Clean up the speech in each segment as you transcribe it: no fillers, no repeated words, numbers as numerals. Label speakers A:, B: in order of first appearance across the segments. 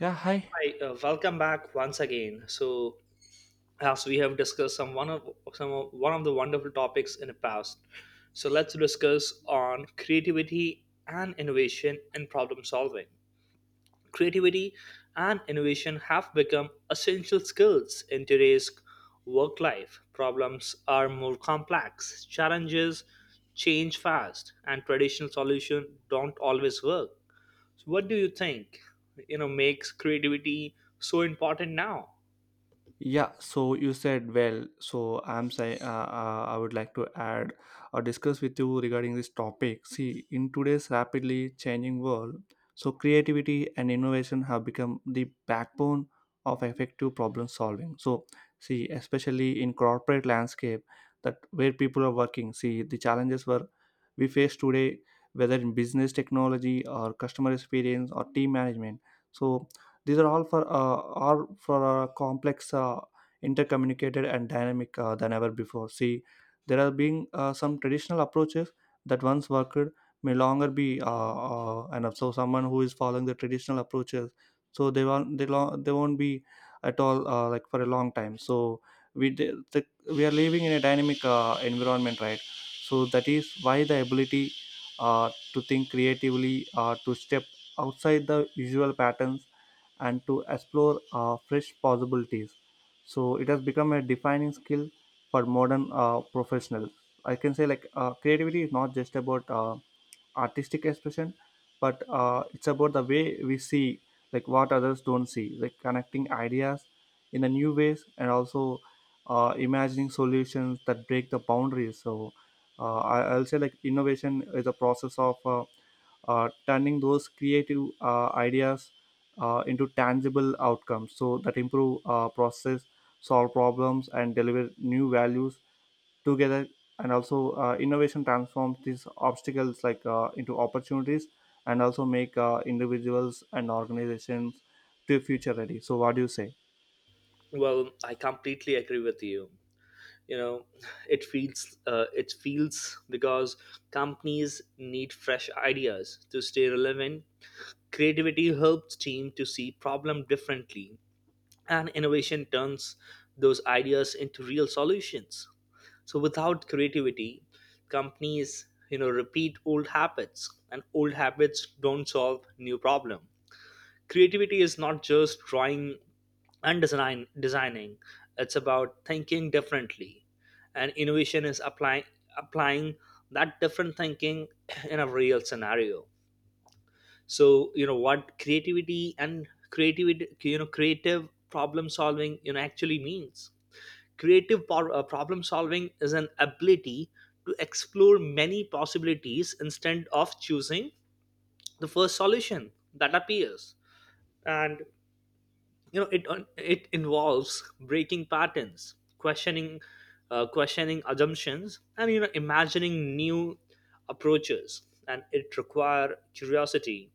A: Yeah, hi.
B: Hi, welcome back once again. So, as we have discussed some one of some of, one of the wonderful topics in the past, so let's discuss on creativity and innovation in problem solving. Creativity and innovation have become essential skills in today's work life. Problems are more complex, challenges change fast, and traditional solutions don't always work. So what do you think, makes creativity so important now?
A: Yeah, so you said well. So I'm saying I would like to add or discuss with you regarding this topic. See, in today's rapidly changing world, so creativity and innovation have become the backbone of effective problem solving. So, see, especially in corporate landscape, that where people are working. See, the challenges were we face today, whether in business technology or customer experience or team management. So these are all for are for a complex, intercommunicated, and dynamic than ever before. See, there are being some traditional approaches that once worked may longer be, and so someone who is following the traditional approaches, so they won't be at all like for a long time. So we are living in a dynamic environment, right? So that is why the ability to think creatively, to step outside the usual patterns and to explore fresh possibilities. So it has become a defining skill for modern professionals. I can say like creativity is not just about artistic expression but it's about the way we see like what others don't see, like connecting ideas in a new ways, and also imagining solutions that break the boundaries. So I'll say like innovation is a process of turning those creative ideas into tangible outcomes so that improve process, solve problems, and deliver new values together. And also innovation transforms these obstacles like into opportunities and also make individuals and organizations to future ready. So what do you say?
B: Well, I completely agree with you. You know, it feels because companies need fresh ideas to stay relevant. Creativity helps team to see problem differently, and innovation turns those ideas into real solutions. So without creativity, companies, you know, repeat old habits, and old habits don't solve new problem. Creativity is not just drawing and designing, it's about thinking differently. And innovation is applying that different thinking in a real scenario. So you know, what creativity and creativity you know creative problem solving actually means. Problem solving is an ability to explore many possibilities instead of choosing the first solution that appears. And it involves breaking patterns, questioning questioning assumptions, and you know, imagining new approaches. And it require curiosity,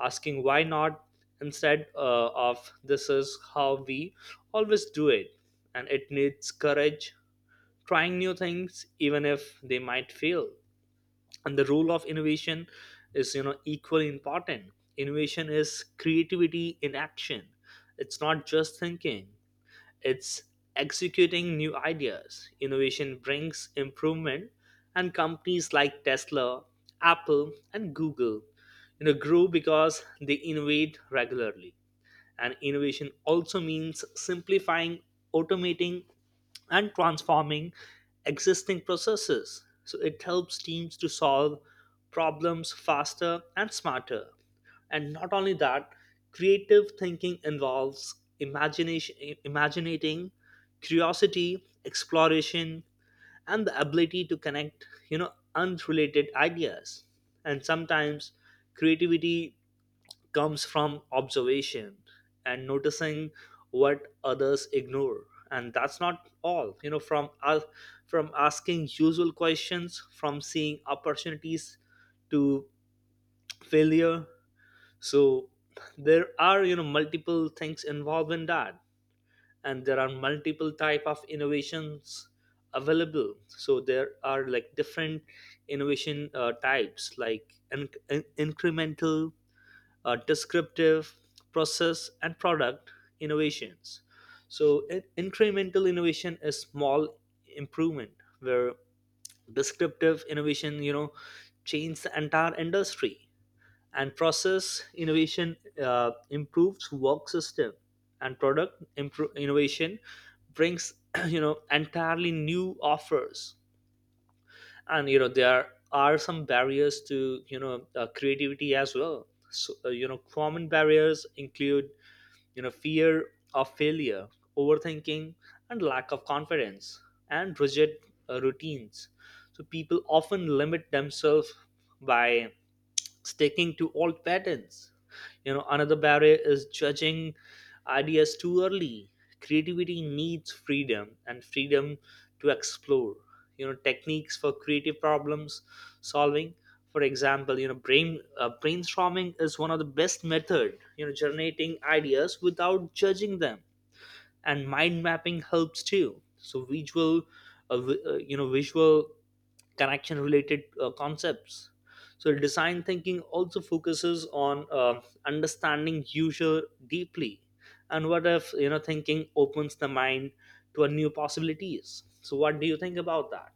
B: asking why not instead of this is how we always do it. And it needs courage, trying new things even if they might fail. And the role of innovation is, you know, equally important. Innovation is creativity in action. It's not just thinking, it's executing new ideas. Innovation brings improvement, and companies like Tesla, Apple and Google, you know, grow because they innovate regularly. And innovation also means simplifying, automating, and transforming existing processes. So it helps teams to solve problems faster and smarter. And not only that, creative thinking involves imagination, imaginating, curiosity, exploration, and the ability to connect, unrelated ideas. And sometimes creativity comes from observation and noticing what others ignore. And that's not all, you know, from us, from asking usual questions, from seeing opportunities to failure. So there are, you know, multiple things involved in that. And there are multiple type of innovations available. So there are like different innovation types like incremental, descriptive, process and product innovations. So incremental innovation is small improvement, where descriptive innovation, you know, change the entire industry. And process innovation improves work system, and innovation brings you know, entirely new offers. And you know, there are some barriers to, creativity as well. So you know, common barriers include, you know, fear of failure, overthinking, and lack of confidence, and rigid routines. So people often limit themselves by sticking to old patterns. You know, another barrier is judging ideas too early. Creativity needs freedom and freedom to explore. You know, techniques for creative problems solving. For example, brainstorming is one of the best method. You know, generating ideas without judging them. And mind mapping helps too. So you know, visual connection related concepts. So design thinking also focuses on understanding user deeply. And what if, you know, thinking opens the mind to a new possibilities. So what do you think about that?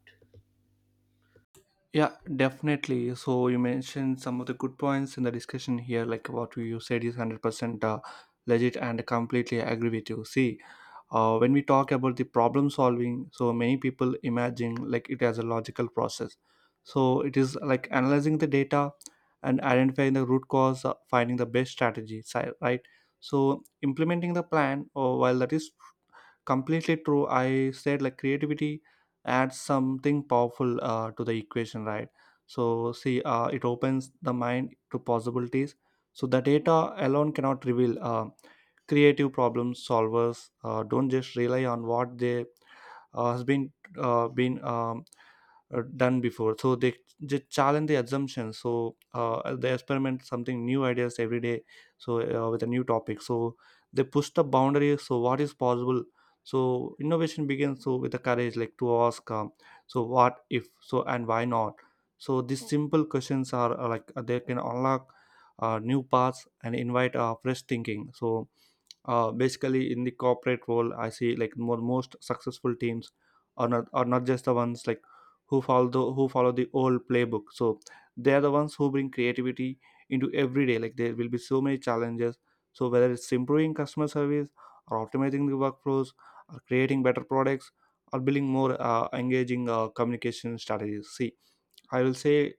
A: Yeah, definitely. So you mentioned some of the good points in the discussion here, like what you said is 100% legit, and completely agree with you. See, when we talk about the problem solving, so many people imagine like it as a logical process. So it is like analyzing the data and identifying the root cause, finding the best strategy, right? So implementing the plan, or while that is completely true, I said like creativity adds something powerful to the equation, right? So see, it opens the mind to possibilities, so the data alone cannot reveal creative problem solvers. Don't just rely on what they has been done before, so they challenge the assumptions. So they experiment something new ideas every day, so with a new topic, so they push the boundary, so what is possible. So innovation begins, so with the courage like to ask, so what if, so and why not. So these simple questions are like they can unlock new paths and invite fresh thinking. So basically in the corporate world I see like more most successful teams are not just the ones like who follow the old playbook. So they are the ones who bring creativity into every day. Like, there will be so many challenges, so whether it's improving customer service or optimizing the workflows or creating better products or building more engaging communication strategies. See, I will say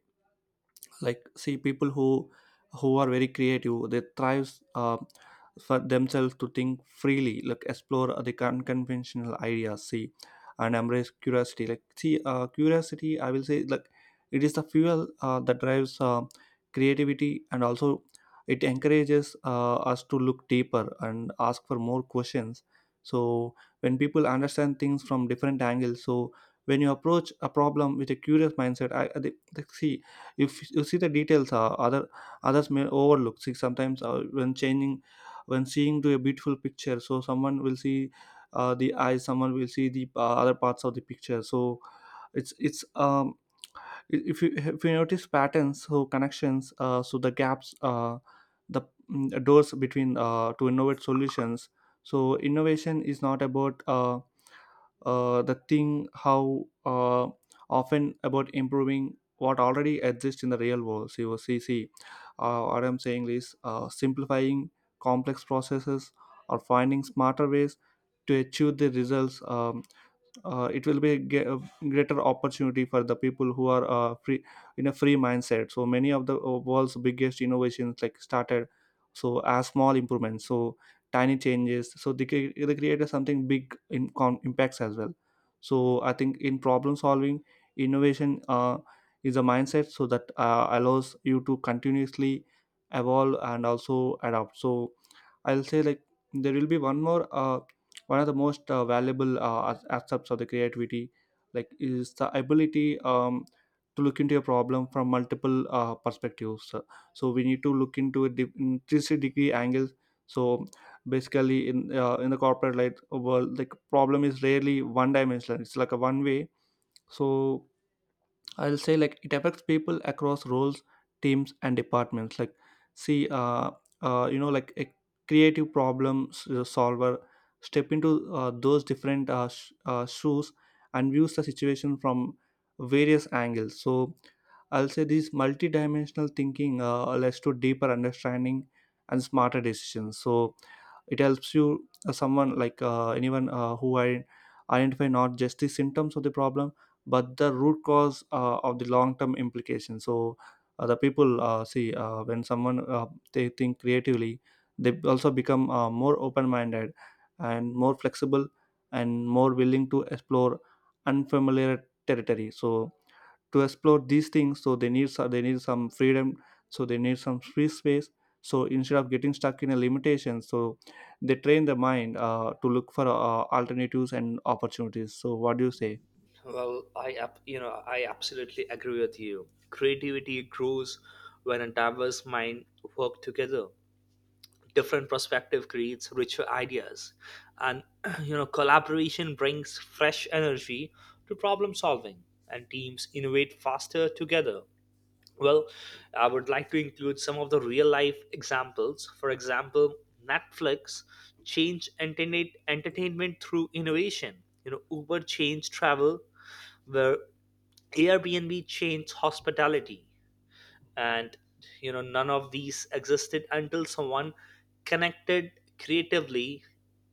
A: like, see, people who are very creative, they thrives for themselves to think freely, like explore the unconventional ideas. See, and embrace curiosity, like, see, curiosity, I will say like it is the fuel that drives creativity, and also it encourages us to look deeper and ask for more questions. So when people understand things from different angles, so when you approach a problem with a curious mindset, I think, like, see, if you see the details, other others may overlook. See, sometimes when changing, when seeing to a beautiful picture, so someone will see the eyes, someone will see the other parts of the picture. So it's I- if you, notice patterns, so connections, so the gaps, the doors between to innovate solutions. So innovation is not about the thing how often about improving what already exists in the real world. So, see, see, what I'm saying is simplifying complex processes or finding smarter ways to achieve the results. It will be a greater opportunity for the people who are free in a free mindset. So many of the world's biggest innovations like started so as small improvements, so tiny changes, so they created something big in impacts as well. So I think in problem solving, innovation is a mindset so that allows you to continuously evolve and also adapt. So I'll say like there will be one of the most valuable aspects of the creativity like is the ability, to look into a problem from multiple perspectives. So so we need to look into in 360 degree angles. So basically in the corporate light world, like, problem is rarely one dimensional, it's like a one way. So I'll say like it affects people across roles, teams, and departments. Like, see, you know, like a solver step into those different shoes and views the situation from various angles. So I'll say this multidimensional thinking leads to deeper understanding and smarter decisions. So it helps you someone like anyone who I identify not just the symptoms of the problem but the root cause of the long term implication. So the people, see, when someone they think creatively, they also become more open minded and more flexible and more willing to explore unfamiliar territory. So to explore these things, so they need some freedom, so they need some free space. So instead of getting stuck in a limitation, so they train the mind to look for alternatives and opportunities. So what do you say?
B: Well, I absolutely agree with you. Creativity grows when a diverse mind work together. Different perspective creates richer ideas, and you know, collaboration brings fresh energy to problem solving, and teams innovate faster together. Well, I would like to include some of the real life examples. For example, Netflix changed internet entertainment through innovation. You know, Uber changed travel, where Airbnb changed hospitality. And you know, none of these existed until someone connected creatively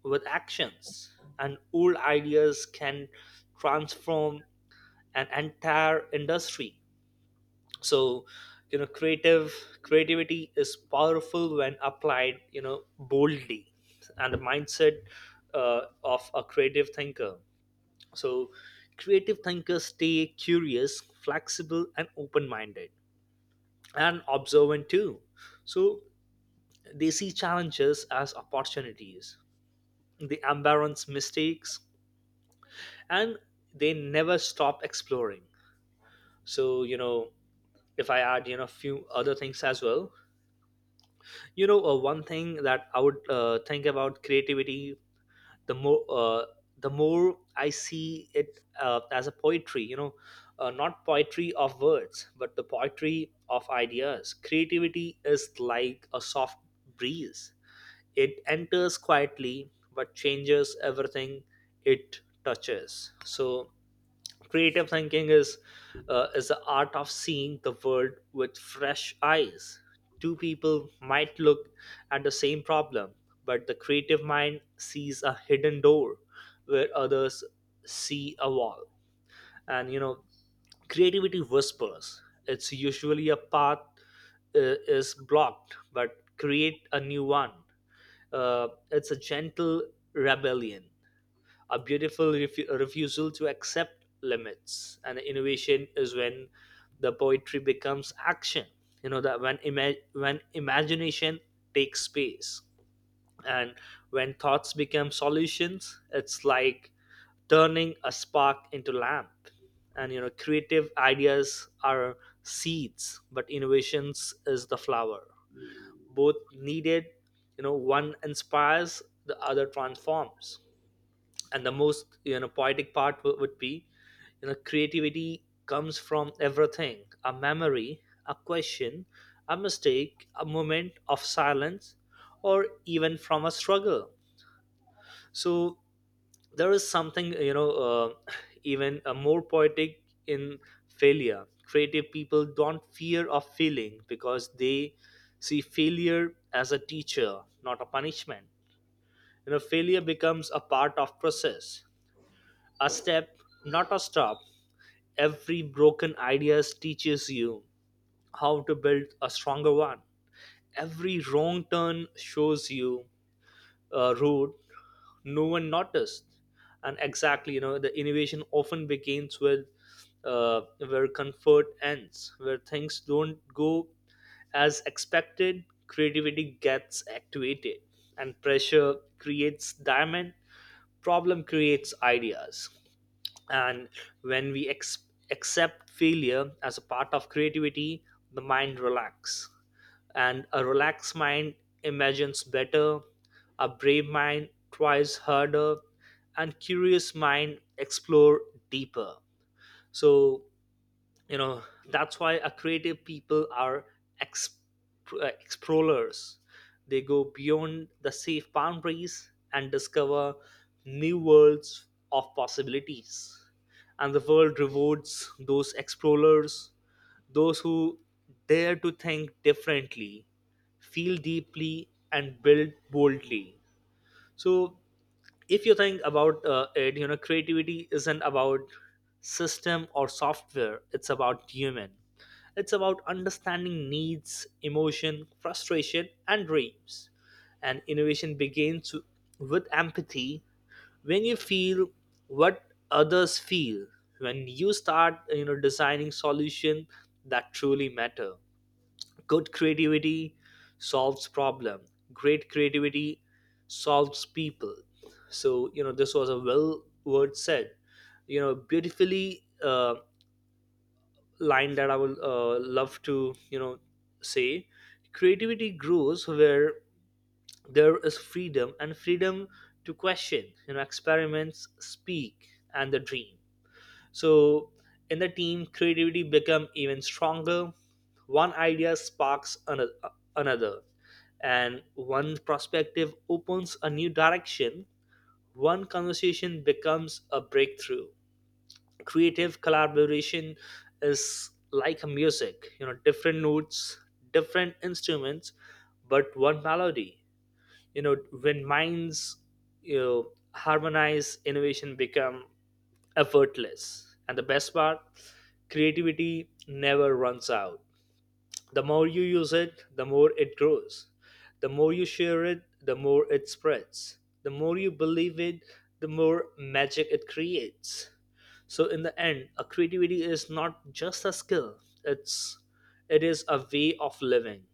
B: with actions. And old ideas can transform an entire industry. So you know creative creativity is powerful when applied, you know, boldly. And the mindset of a creative thinker. So creative thinkers stay curious, flexible and open minded, and observant too. So they see challenges as opportunities, they embarrass mistakes, and they never stop exploring. So, you know, if I add, you know, a few other things as well, you know, one thing that I would think about creativity, the more, uh, the more I see it as a poetry, you know, not poetry of words, but the poetry of ideas. Creativity is like a soft breeze. It enters quietly but changes everything it touches. So, creative thinking is the art of seeing the world with fresh eyes. Two people might look at the same problem, but the creative mind sees a hidden door where others see a wall. And you know, creativity whispers. It's usually a path is blocked, but create a new one. It's a gentle rebellion, a beautiful refusal to accept limits. And innovation is when the poetry becomes action. You know that when when imagination takes space, and when thoughts become solutions. It's like turning a spark into lamp. And you know, creative ideas are seeds, but innovations is the flower, both needed. You know, one inspires, the other transforms. And the most, you know, poetic part would be, you know, creativity comes from everything: a memory, a question, a mistake, a moment of silence, or even from a struggle. So there is something, you know even more poetic in failure. Creative people don't fear of failing, because they see failure as a teacher, not a punishment. You know, failure becomes a part of process, a step, not a stop. Every broken ideas teaches you how to build a stronger one. Every wrong turn shows you a road no one noticed. And exactly, you know, the innovation often begins with, where comfort ends, where things don't go as expected. Creativity gets activated, and pressure creates diamond, problem creates ideas. And when we accept failure as a part of creativity, the mind relax. And a relaxed mind imagines better, a brave mind tries harder, and curious mind explore deeper. So you know, that's why a creative people are explorers. They go beyond the safe boundaries and discover new worlds of possibilities. And the world rewards those explorers, those who dare to think differently, feel deeply and build boldly. So if you think about it, you know, creativity isn't about system or software, it's about human. It's about understanding needs, emotion, frustration and dreams. And innovation begins with empathy, when you feel what others feel, when you start, you know, designing solution that truly matter. Good creativity solves problem. Great creativity solves people. So you know, this was a well word said. You know, beautifully line that I would love to, you know, say. Creativity grows where there is freedom and freedom to question. You know, experiments, speak, and the dream. So in the team, creativity become even stronger. One idea another, and one perspective opens a new direction. One conversation becomes a breakthrough. Creative collaboration is like music, you know, different notes, different instruments, but one melody. You know, when minds, you know, harmonize, innovation become effortless. And the best part, creativity never runs out. The more you use it, the more it grows. The more you share it, the more it spreads. The more you believe it, the more magic it creates. So in the end, a creativity is not just a skill. It's it is a way of living,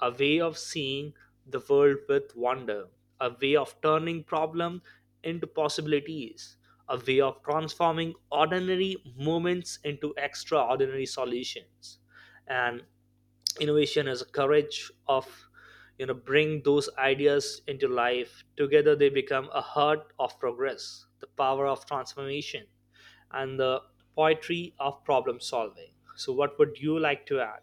B: a way of seeing the world with wonder, a way of turning problems into possibilities, a way of transforming ordinary moments into extraordinary solutions. And innovation is courage of, you know, bring those ideas into life. Together they become a heart of progress, the power of transformation, and the poetry of problem solving. So what would you like to add?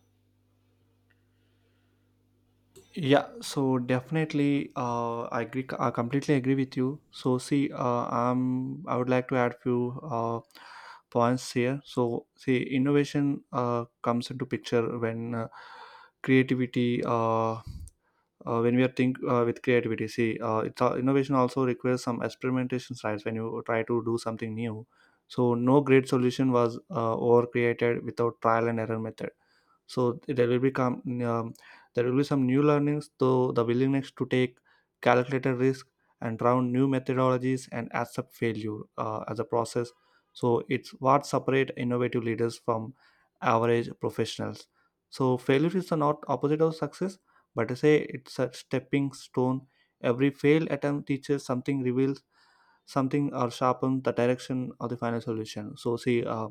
A: Yeah, so definitely, I agree. I completely agree with you. So see, I would like to add few points here. So see, innovation comes into picture when creativity, when we are think with creativity. See, it's innovation also requires some experimentations, right? When you try to do something new, so no great solution was over created without trial and error method. So there will become there will be some new learnings though the willingness to take calculated risk and try new methodologies and accept failure as a process. So it's what separate innovative leaders from average professionals. So failure is not opposite of success, but I say it's a stepping stone. Every failed attempt teaches something, reveals something, or sharpen the direction of the final solution. So see,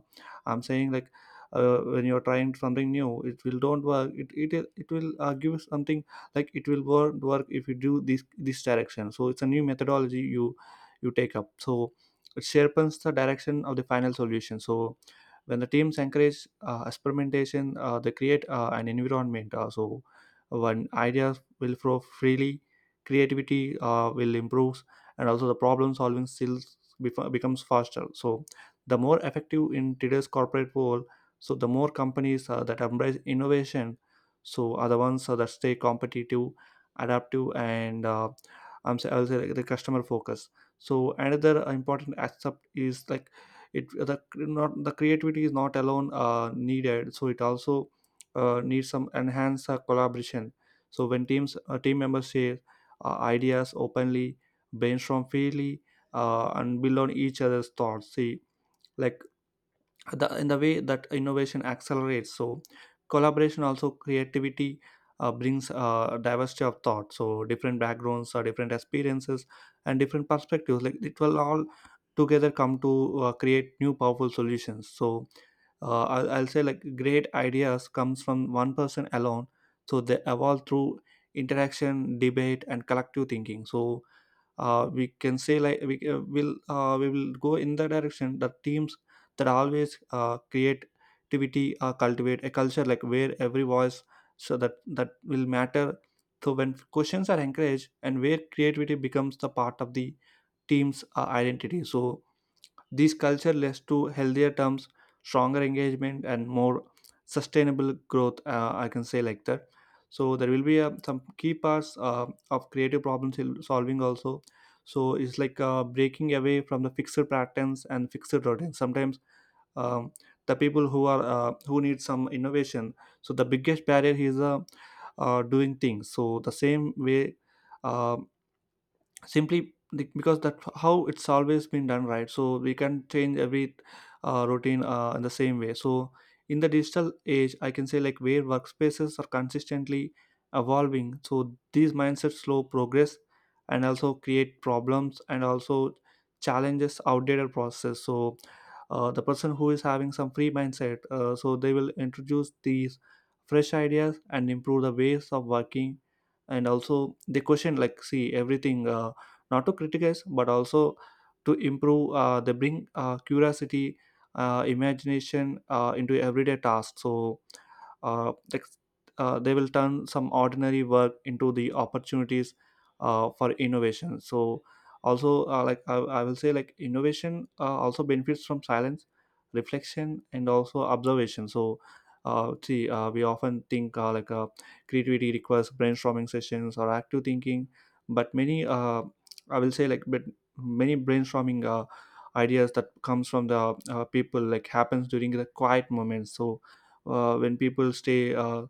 A: I'm saying like, when you're trying something new, it will don't work. It will give something like it will work if you do this direction. So it's a new methodology you take up. So it sharpens the direction of the final solution. So when the teams encourage experimentation, they create an environment, so when ideas will flow freely, creativity will improve, and also the problem solving skills becomes faster. So the more effective in today's corporate world, so the more companies that embrace innovation, so are the ones that stay competitive, adaptive, and I'll say like the customer focus. So another important aspect is like it the not the creativity is not alone needed. So it also needs some enhanced collaboration. So when team members share ideas openly, brainstorm freely, and build on each other's thoughts. See, like, the in the way that innovation accelerates. So collaboration also creativity brings diversity of thought. So different backgrounds or different experiences and different perspectives, like it will all together come to create new powerful solutions. So I'll say like great ideas comes from one person alone, so they evolve through interaction, debate, and collective thinking. So we can say like we will go in the direction that teams that always creativity cultivate a culture like where every voice, so that will matter. So when questions are encouraged and where creativity becomes the part of the team's identity, so these culture leads to healthier terms, stronger engagement, and more sustainable growth. I can say like that. So there will be some key parts of creative solving also. So it's like breaking away from the fixed patterns and fixed routines. Sometimes um, the people who are who need some innovation. So the biggest barrier is doing things. So the same way. Um, because that how it's always been done, right? So we can change every routine in the same way. So in the digital age, I can say, like, where workspaces are consistently evolving, so these mindsets slow progress and also create problems and also challenges outdated processes. So the person who is having some free mindset, so they will introduce these fresh ideas and improve the ways of working, and also they question, like, see everything, not to criticize but also to improve. Uh, they bring curiosity, imagination into everyday tasks. So uh, like, they will turn some ordinary work into the opportunities for innovation. So also, I will say, like, innovation also benefits from silence, reflection, and also observation. So see we often think, creativity requires brainstorming sessions or active thinking, but many I will say like but many brainstorming ideas that comes from the people, like, happens during the quiet moments. So when people stay uh,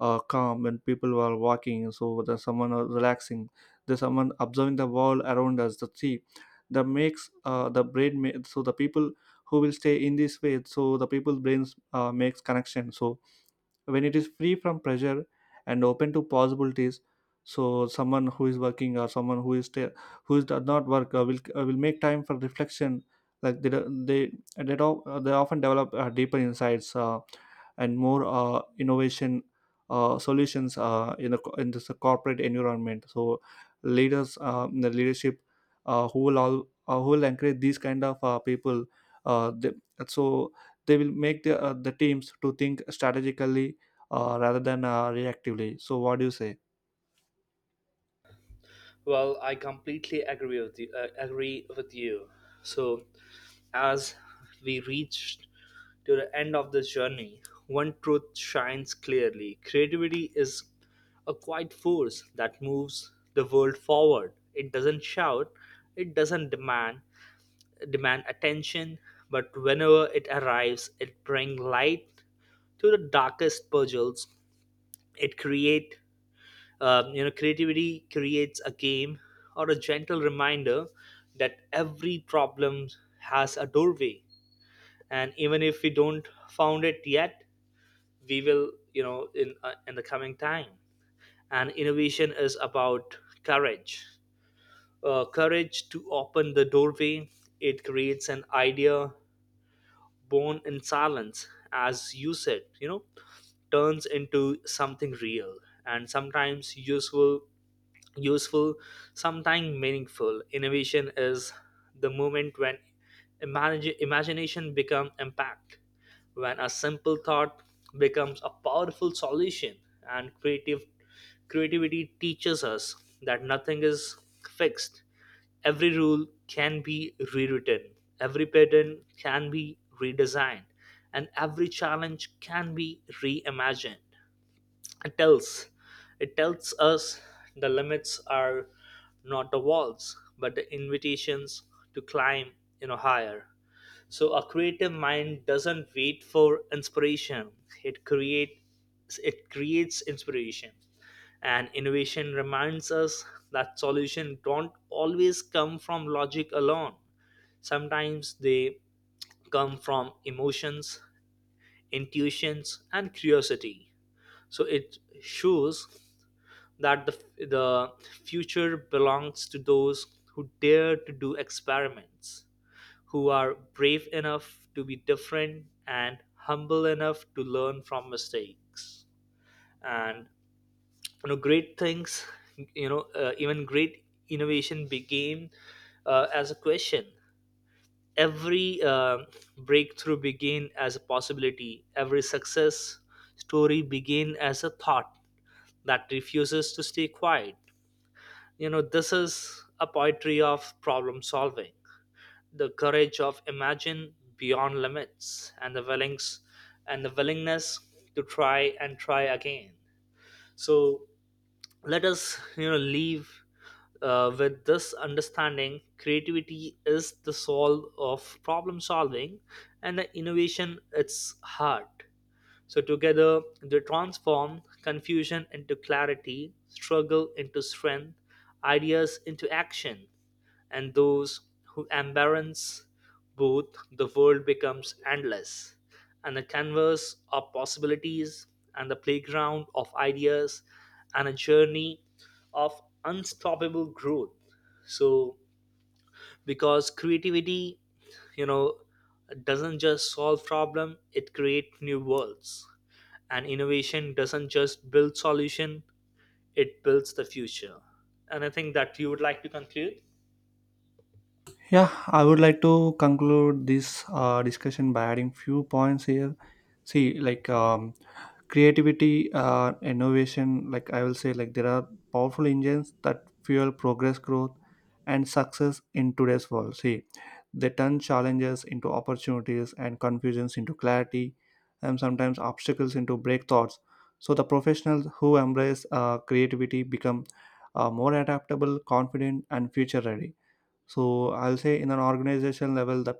A: uh, calm, when people are walking, so there's someone are relaxing, there's someone observing the world around us, the sea, that makes the brain. So the people who will stay in this way, so the people's brains makes connection. So when it is free from pressure and open to possibilities, so someone who is working or someone who is still who is does not work will make time for reflection, like they often develop deeper insights and more innovation solutions in this corporate environment. So leaders the leadership uh, who will all who will encourage these kind of people, uh, they, so they will make the teams to think strategically rather than reactively. So what do you say?
B: Well i completely agree with you uh, agree with you. So as we reach to the end of this journey, one truth shines clearly: creativity is a quiet force that moves the world forward. It doesn't shout, it doesn't demand attention, but whenever it arrives, it brings light to the darkest puzzles. It create you know creativity creates a game or a gentle reminder that every problem has a doorway, and even if we don't found it yet, we will, you know, in the coming time. And innovation is about courage courage to open the doorway. It creates an idea born in silence, as you said, you know, turns into something real and sometimes useful, sometimes meaningful. Innovation is the moment when imagination becomes impact, when a simple thought becomes a powerful solution. And creative creativity teaches us that nothing is fixed. Every rule can be rewritten, every pattern can be redesigned, and every challenge can be reimagined. It tells, it tells us the limits are not the walls, but the invitations to climb, you know, higher. So a creative mind doesn't wait for inspiration. It creates inspiration. And innovation reminds us that solutions don't always come from logic alone. Sometimes they come from emotions, intuitions, and curiosity. So it shows that the future belongs to those who dare to do experiments, who are brave enough to be different and humble enough to learn from mistakes. And you know, great things, you know, even great innovation became as a question. Every breakthrough began as a possibility. Every success story began as a thought that refuses to stay quiet. You know, this is a poetry of problem solving. The courage of imagine beyond limits, and the willings and the willingness to try and try again. So let us, you know, leave with this understanding: creativity is the soul of problem solving, and the innovation its heart. So together they transform confusion into clarity, struggle into strength, ideas into action. And those who embrace both, the world becomes endless, and a canvas of possibilities, and the playground of ideas, and a journey of unstoppable growth. So, because creativity, you know, doesn't just solve problem; it creates new worlds. And innovation doesn't just build solution; it builds the future. And I think that you would like to conclude.
A: Yeah, I would like to conclude this discussion by adding few points here. See, like, creativity, innovation, like, I will say, like, there are powerful engines that fuel progress, growth, and success in today's world. See, they turn challenges into opportunities, and confusions into clarity, and sometimes obstacles into breakthroughs. So the professionals who embrace creativity become more adaptable, confident, and future ready. So I'll say, in an organization level, the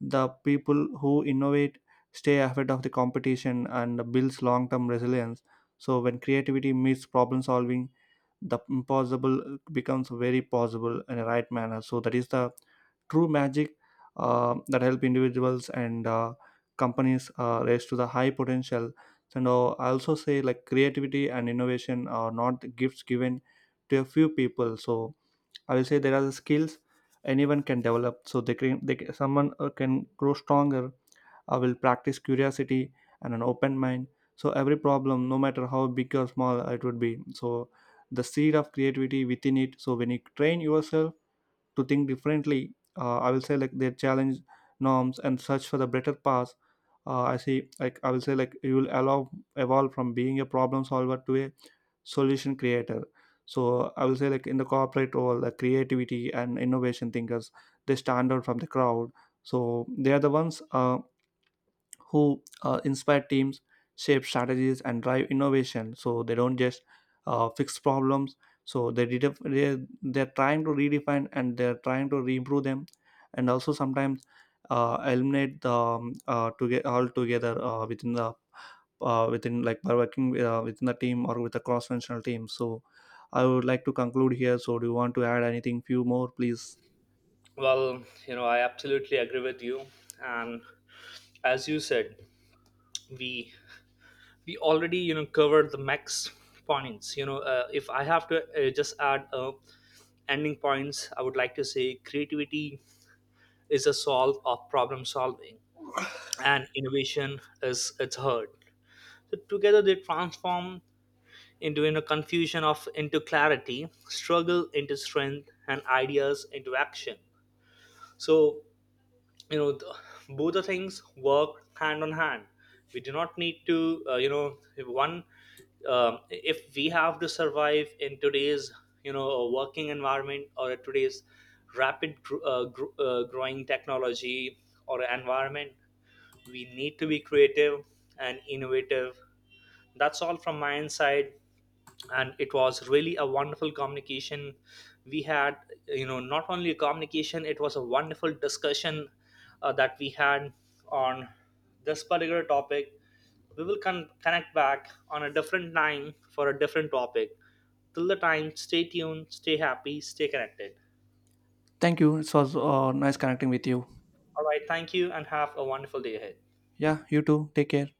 A: the people who innovate stay ahead of the competition and builds long-term resilience. So when creativity meets problem solving, the impossible becomes very possible in a right manner. So that is the true magic that help individuals and companies raise to the high potential. And I also say, like, creativity and innovation are not gifts given to a few people. So I will say there are the skills anyone can develop. So they can grow stronger. I will practice curiosity and an open mind. So every problem, no matter how big or small it would be, so the seed of creativity within it. So when you train yourself to think differently, I will say, like, they challenge norms and search for the better path. I will say, like, you will allow evolve from being a problem solver to a solution creator. So I will say, like, in the corporate role, the creativity and innovation thinkers, they stand out from the crowd. So they are the ones who inspire teams, shape strategies, and drive innovation. So they don't just fix problems. So they they're trying to redefine, and they're trying to improve them, and also sometimes eliminate the to get all together within the within, like, by working within the team or with a cross-functional team. So I would like to conclude here. So do you want to add anything? Few more, please.
B: Well, you know, I absolutely agree with you. And as you said, we we already, you know, covered the max points. You know, if I have to just add ending points, I would like to say creativity is a solve of problem solving, and innovation is its heart. So together they transform into, you know, confusion of into clarity, struggle into strength, and ideas into action. So, you know, both the things work hand on hand. We do not need to, you know, if one, if we have to survive in today's, working environment, or at today's rapid growing technology or environment, we need to be creative and innovative. That's all from my inside. And it was really a wonderful communication we had. You know, not only a communication, it was a wonderful discussion that we had on this particular topic. We will connect back on a different time for a different topic. Till the time, stay tuned, stay happy, stay connected.
A: Thank you. It was nice connecting with you.
B: All right, thank you and have a wonderful day ahead.
A: Yeah, you too. Take care.